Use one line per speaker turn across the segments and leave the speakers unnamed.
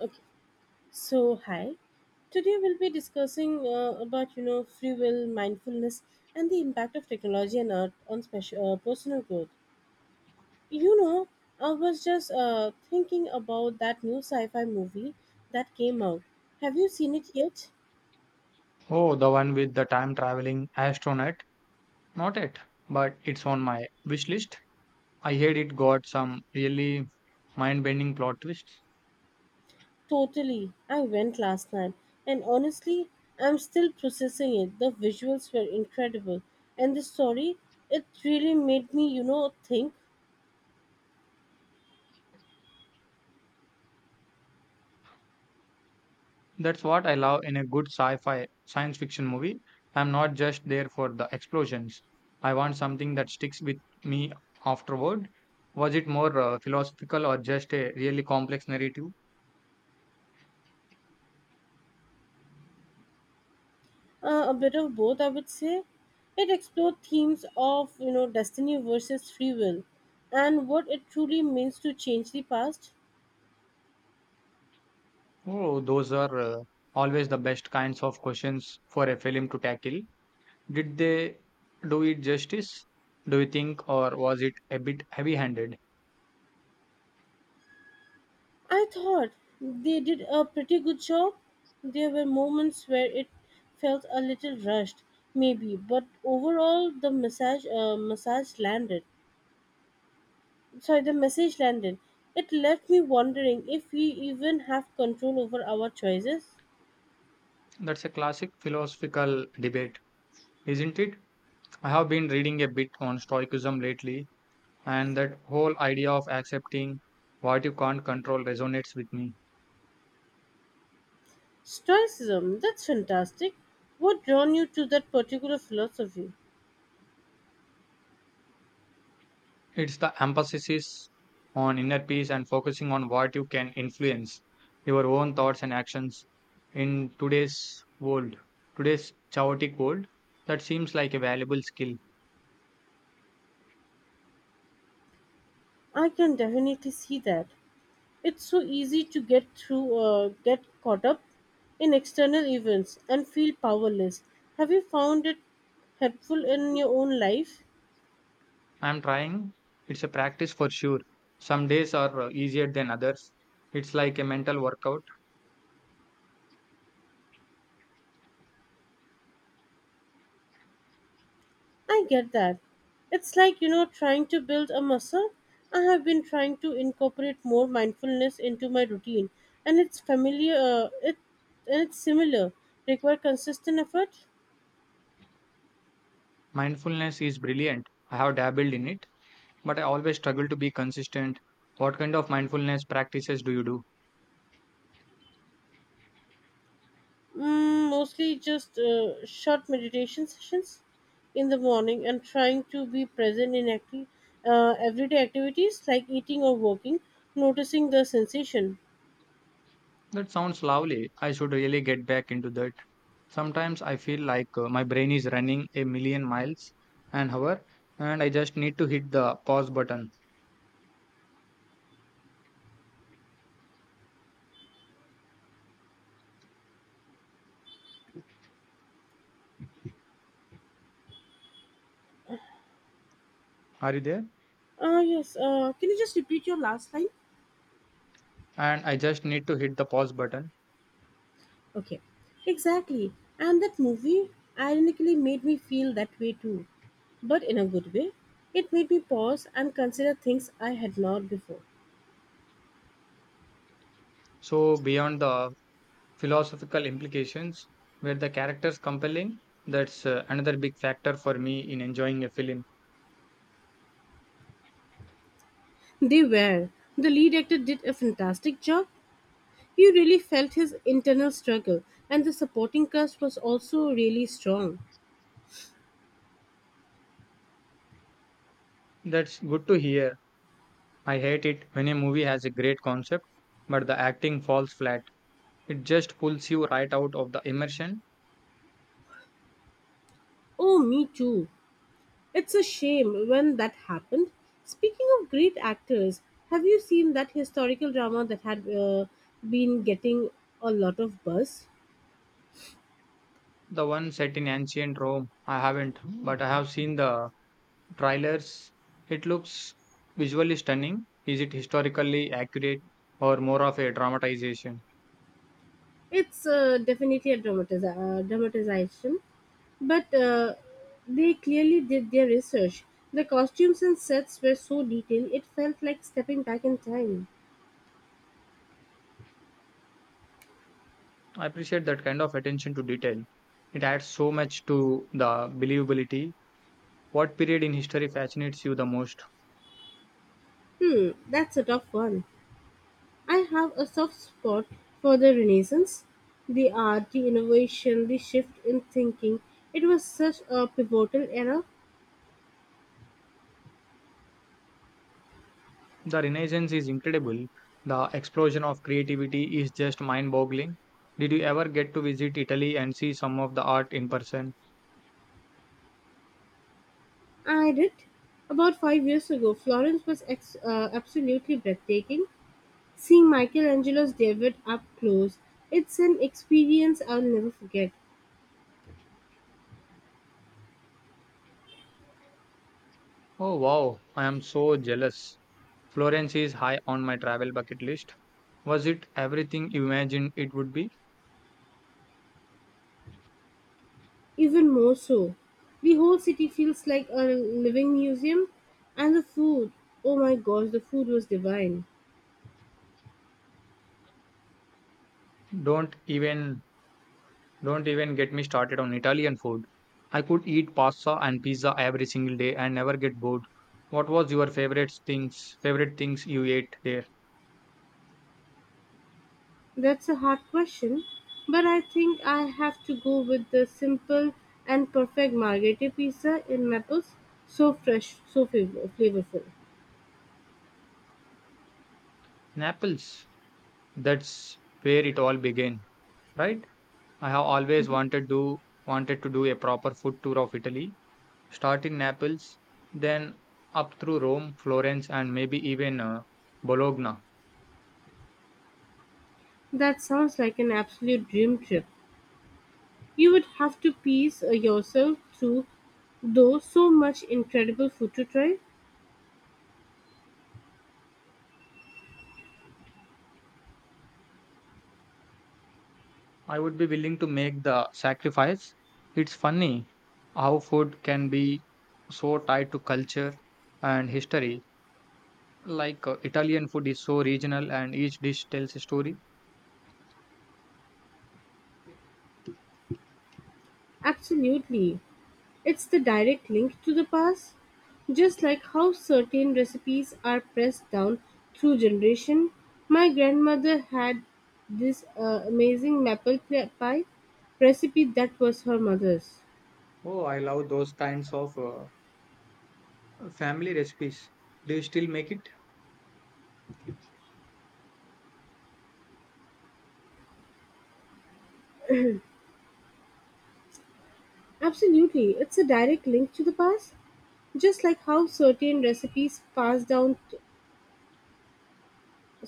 Okay, so hi. Today we'll be discussing about free will, mindfulness, and the impact of technology and art on special personal growth. You know, I was just thinking about that new sci-fi movie that came out. Have you seen it yet?
Oh, the one with the time traveling astronaut. Not it, but it's on my wish list. I heard it got some really mind bending plot twists.
Totally. I went last night, and honestly, I'm still processing it. The visuals were incredible, and the story it really made me think.
That's what I love in a good sci fi science fiction movie. I'm not just there for the explosions. I want something that sticks with me afterward. Was it more philosophical or just a really complex narrative?
A bit of both, I would say. It explored themes of destiny versus free will, and what it truly means to change the past.
Oh, those are always the best kinds of questions for a film to tackle. Did they do it justice, do you think, or was it a bit heavy handed?
I thought they did a pretty good job. There were moments where it felt a little rushed, maybe, but overall the message landed. Sorry, the message landed. It left me wondering if we even have control over our choices.
That's a classic philosophical debate, isn't it? I have been reading a bit on Stoicism lately, and that whole idea of accepting what you can't control resonates with me.
Stoicism, that's fantastic. What drawn you to that particular philosophy?
It's the emphasis on inner peace and focusing on what you can influence, your own thoughts and actions in today's world, today's chaotic world. That seems like a valuable skill.
I can definitely see that. It's so easy to get caught up in external events and feel powerless. Have you found it helpful in your own life?
I'm trying. It's a practice for sure. Some days are easier than others. It's like a mental workout.
I get that. It's like, trying to build a muscle. I have been trying to incorporate more mindfulness into my routine, and it's similar, require consistent effort.
Mindfulness is brilliant. I have dabbled in it, but I always struggle to be consistent. What kind of mindfulness practices do you do?
Mm, mostly just short meditation sessions in the morning and trying to be present in everyday activities like eating or walking, noticing the sensation.
That sounds lovely. I should really get back into that. Sometimes I feel like my brain is running a million miles an hour and I just need to hit the pause button. Are you there?
Ah, yes. Can you just repeat your last line?
And I just need to hit the pause button.
Okay. Exactly. And that movie ironically made me feel that way too, but in a good way. It made me pause and consider things I had not before.
So, beyond the philosophical implications. Were the characters compelling? That's another big factor for me in enjoying a film.
They were. The lead actor did a fantastic job. You really felt his internal struggle, and the supporting cast was also really strong.
That's good to hear. I hate it when a movie has a great concept, but the acting falls flat. It just pulls you right out of the immersion.
Oh, me too. It's a shame when that happened. Speaking of great actors, have you seen that historical drama that had been getting a lot of buzz?
The one set in ancient Rome, I haven't, but I have seen the trailers. It looks visually stunning. Is it historically accurate or more of a dramatization?
It's dramatization, but they clearly did their research. The costumes and sets were so detailed, it felt like stepping back in time.
I appreciate that kind of attention to detail. It adds so much to the believability. What period in history fascinates you the most?
Hmm, that's a tough one. I have a soft spot for the Renaissance, the art, the innovation, the shift in thinking. It was such a pivotal era.
The Renaissance is incredible. The explosion of creativity is just mind boggling. Did you ever get to visit Italy and see some of the art in person?
I did. About 5 years ago, Florence was absolutely breathtaking. Seeing Michelangelo's David up close, it's an experience I'll never forget.
Oh wow, I am so jealous. Florence is high on my travel bucket list. Was it everything you imagined it would be?
Even more so, the whole city feels like a living museum, and the food, oh my gosh, the food was divine.
Don't even Don't even get me started on Italian food. I could eat pasta and pizza every single day and never get bored. What was your favorite things you ate there?
That's a hard question, but I think I have to go with the simple and perfect margherita pizza in Naples. So fresh, so flavorful.
Naples. That's where it all began, right? I have always wanted to do a proper food tour of Italy. Start in Naples, then up through Rome, Florence, and maybe even Bologna.
That sounds like an absolute dream trip. You would have to piece yourself through, though, so much incredible food to try.
I would be willing to make the sacrifice. It's funny how food can be so tied to culture and history. Like Italian food is so regional and each dish tells a story.
Absolutely. It's the direct link to the past, just like how certain recipes are passed down through generation. My grandmother had this amazing pie recipe that was her mother's.
Oh, I love those kinds of family recipes. Do you still make it?
Absolutely, it's a direct link to the past, just like how certain recipes passed down,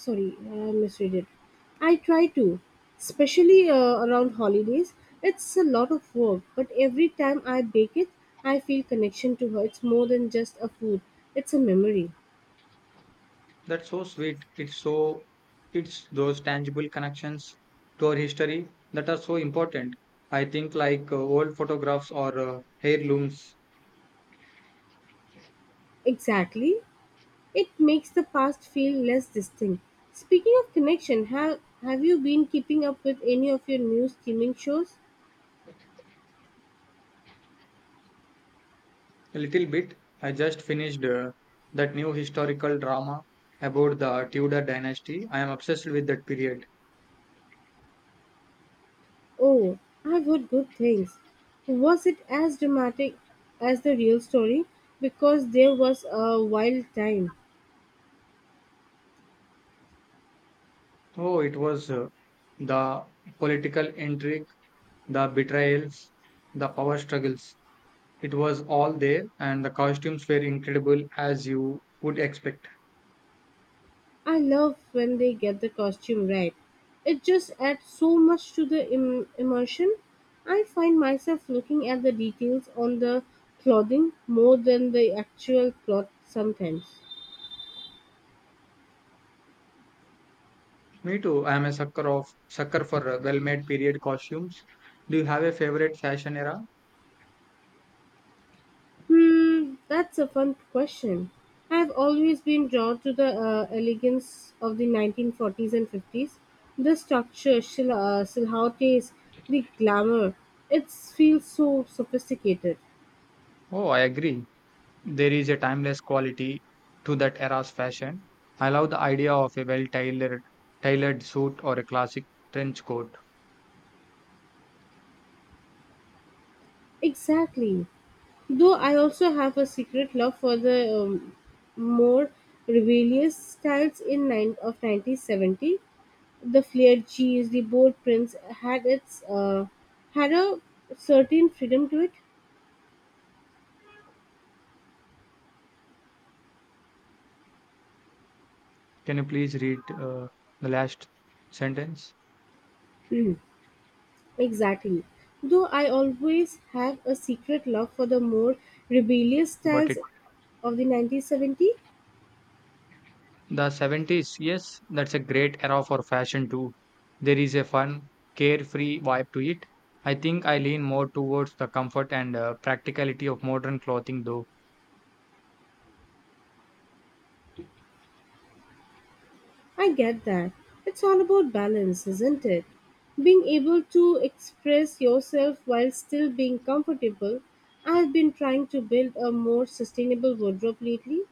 sorry I misread it. I try to, especially around holidays. It's a lot of work, but every time I bake it, I feel connection to her. It's more than just a food, it's a memory.
That's so sweet. It's those tangible connections to our history that are so important. I think like old photographs or heirlooms.
Exactly. It makes the past feel less distant. Speaking of connection, have you been keeping up with any of your new streaming shows?
A little bit. I just finished that new historical drama about the Tudor dynasty. I am obsessed with that period.
Oh, I've heard good things. Was it as dramatic as the real story, because there was a wild time.
Oh, it was the political intrigue, the betrayals, the power struggles. It was all there, and the costumes were incredible as you would expect.
I love when they get the costume right. It just adds so much to the immersion. I find myself looking at the details on the clothing more than the actual plot sometimes.
Me too. I am a sucker for well-made period costumes. Do you have a favorite fashion era?
Hmm, that's a fun question. I've always been drawn to the elegance of the 1940s and 50s. The silhouettes, the glamour. It feels so sophisticated.
Oh, I agree. There is a timeless quality to that era's fashion. I love the idea of a tailored suit or a classic trench coat.
Exactly. Though I also have a secret love for the more rebellious styles in nine of 1970, the flared cheese, the bold prints had a certain freedom to it.
Can you please read the last sentence?
Exactly. Though I always have a secret love for the more rebellious
Got
styles
it.
of the 1970.
The 70s, yes, that's a great era for fashion too. There is a fun, carefree vibe to it. I think I lean more towards the comfort and practicality of modern clothing though.
I get that. It's all about balance, isn't it? Being able to express yourself while still being comfortable. I've been trying to build a more sustainable wardrobe lately.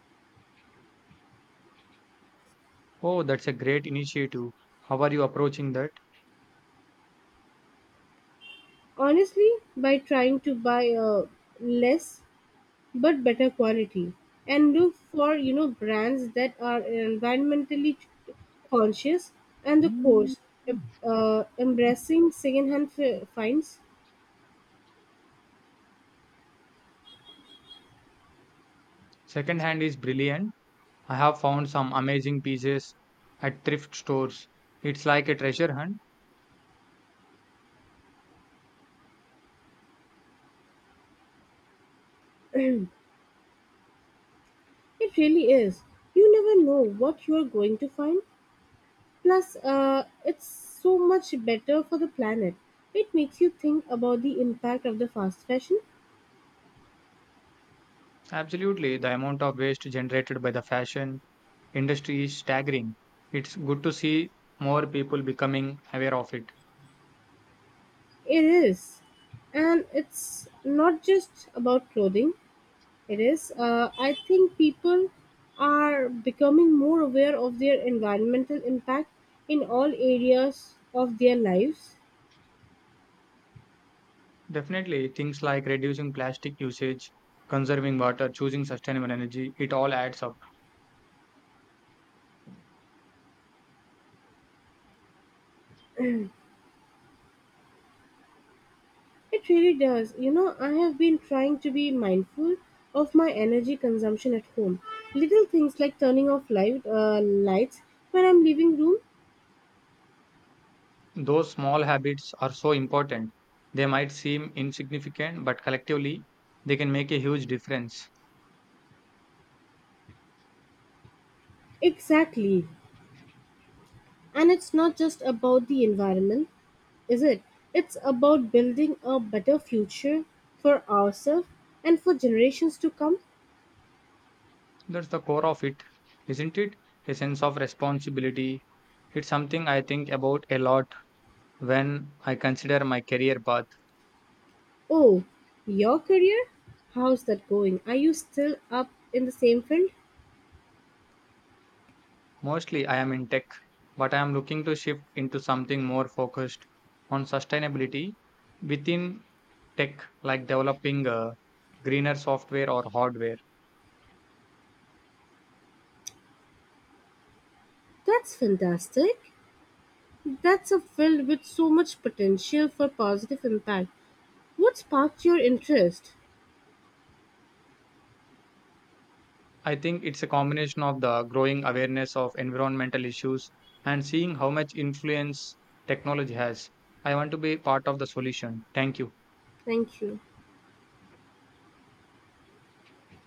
Oh, that's a great initiative. How are you approaching that?
Honestly, by trying to buy less but better quality, and look for, you know, brands that are environmentally conscious, and the course, embracing secondhand finds.
Second hand is brilliant. I have found some amazing pieces at thrift stores. It's like a treasure hunt.
It really is. You never know what you are going to find. Plus, it's so much better for the planet. It makes you think about the impact of the fast fashion.
Absolutely, the amount of waste generated by the fashion industry is staggering. It's good to see more people becoming aware of it.
It is. And it's not just about clothing. It is. I think people are becoming more aware of their environmental impact in all areas of their lives.
Definitely, things like reducing plastic usage, conserving water, choosing sustainable energy, it all adds up.
It really does. You know, I have been trying to be mindful of my energy consumption at home. Little things like turning off lights when I'm leaving room.
Those small habits are so important. They might seem insignificant, but collectively, they can make a huge difference.
Exactly. And it's not just about the environment, is it? It's about building a better future for ourselves and for generations to come.
That's the core of it, isn't it? A sense of responsibility. It's something I think about a lot when I consider my career path.
Oh, your career? How's that going? Are you still up in the same field?
Mostly I am in tech, but I am looking to shift into something more focused on sustainability within tech, like developing greener software or hardware.
That's fantastic. That's a field with so much potential for positive impact. What sparked your interest?
I think it's a combination of the growing awareness of environmental issues and seeing how much influence technology has. I want to be part of the solution. Thank you.
Thank you.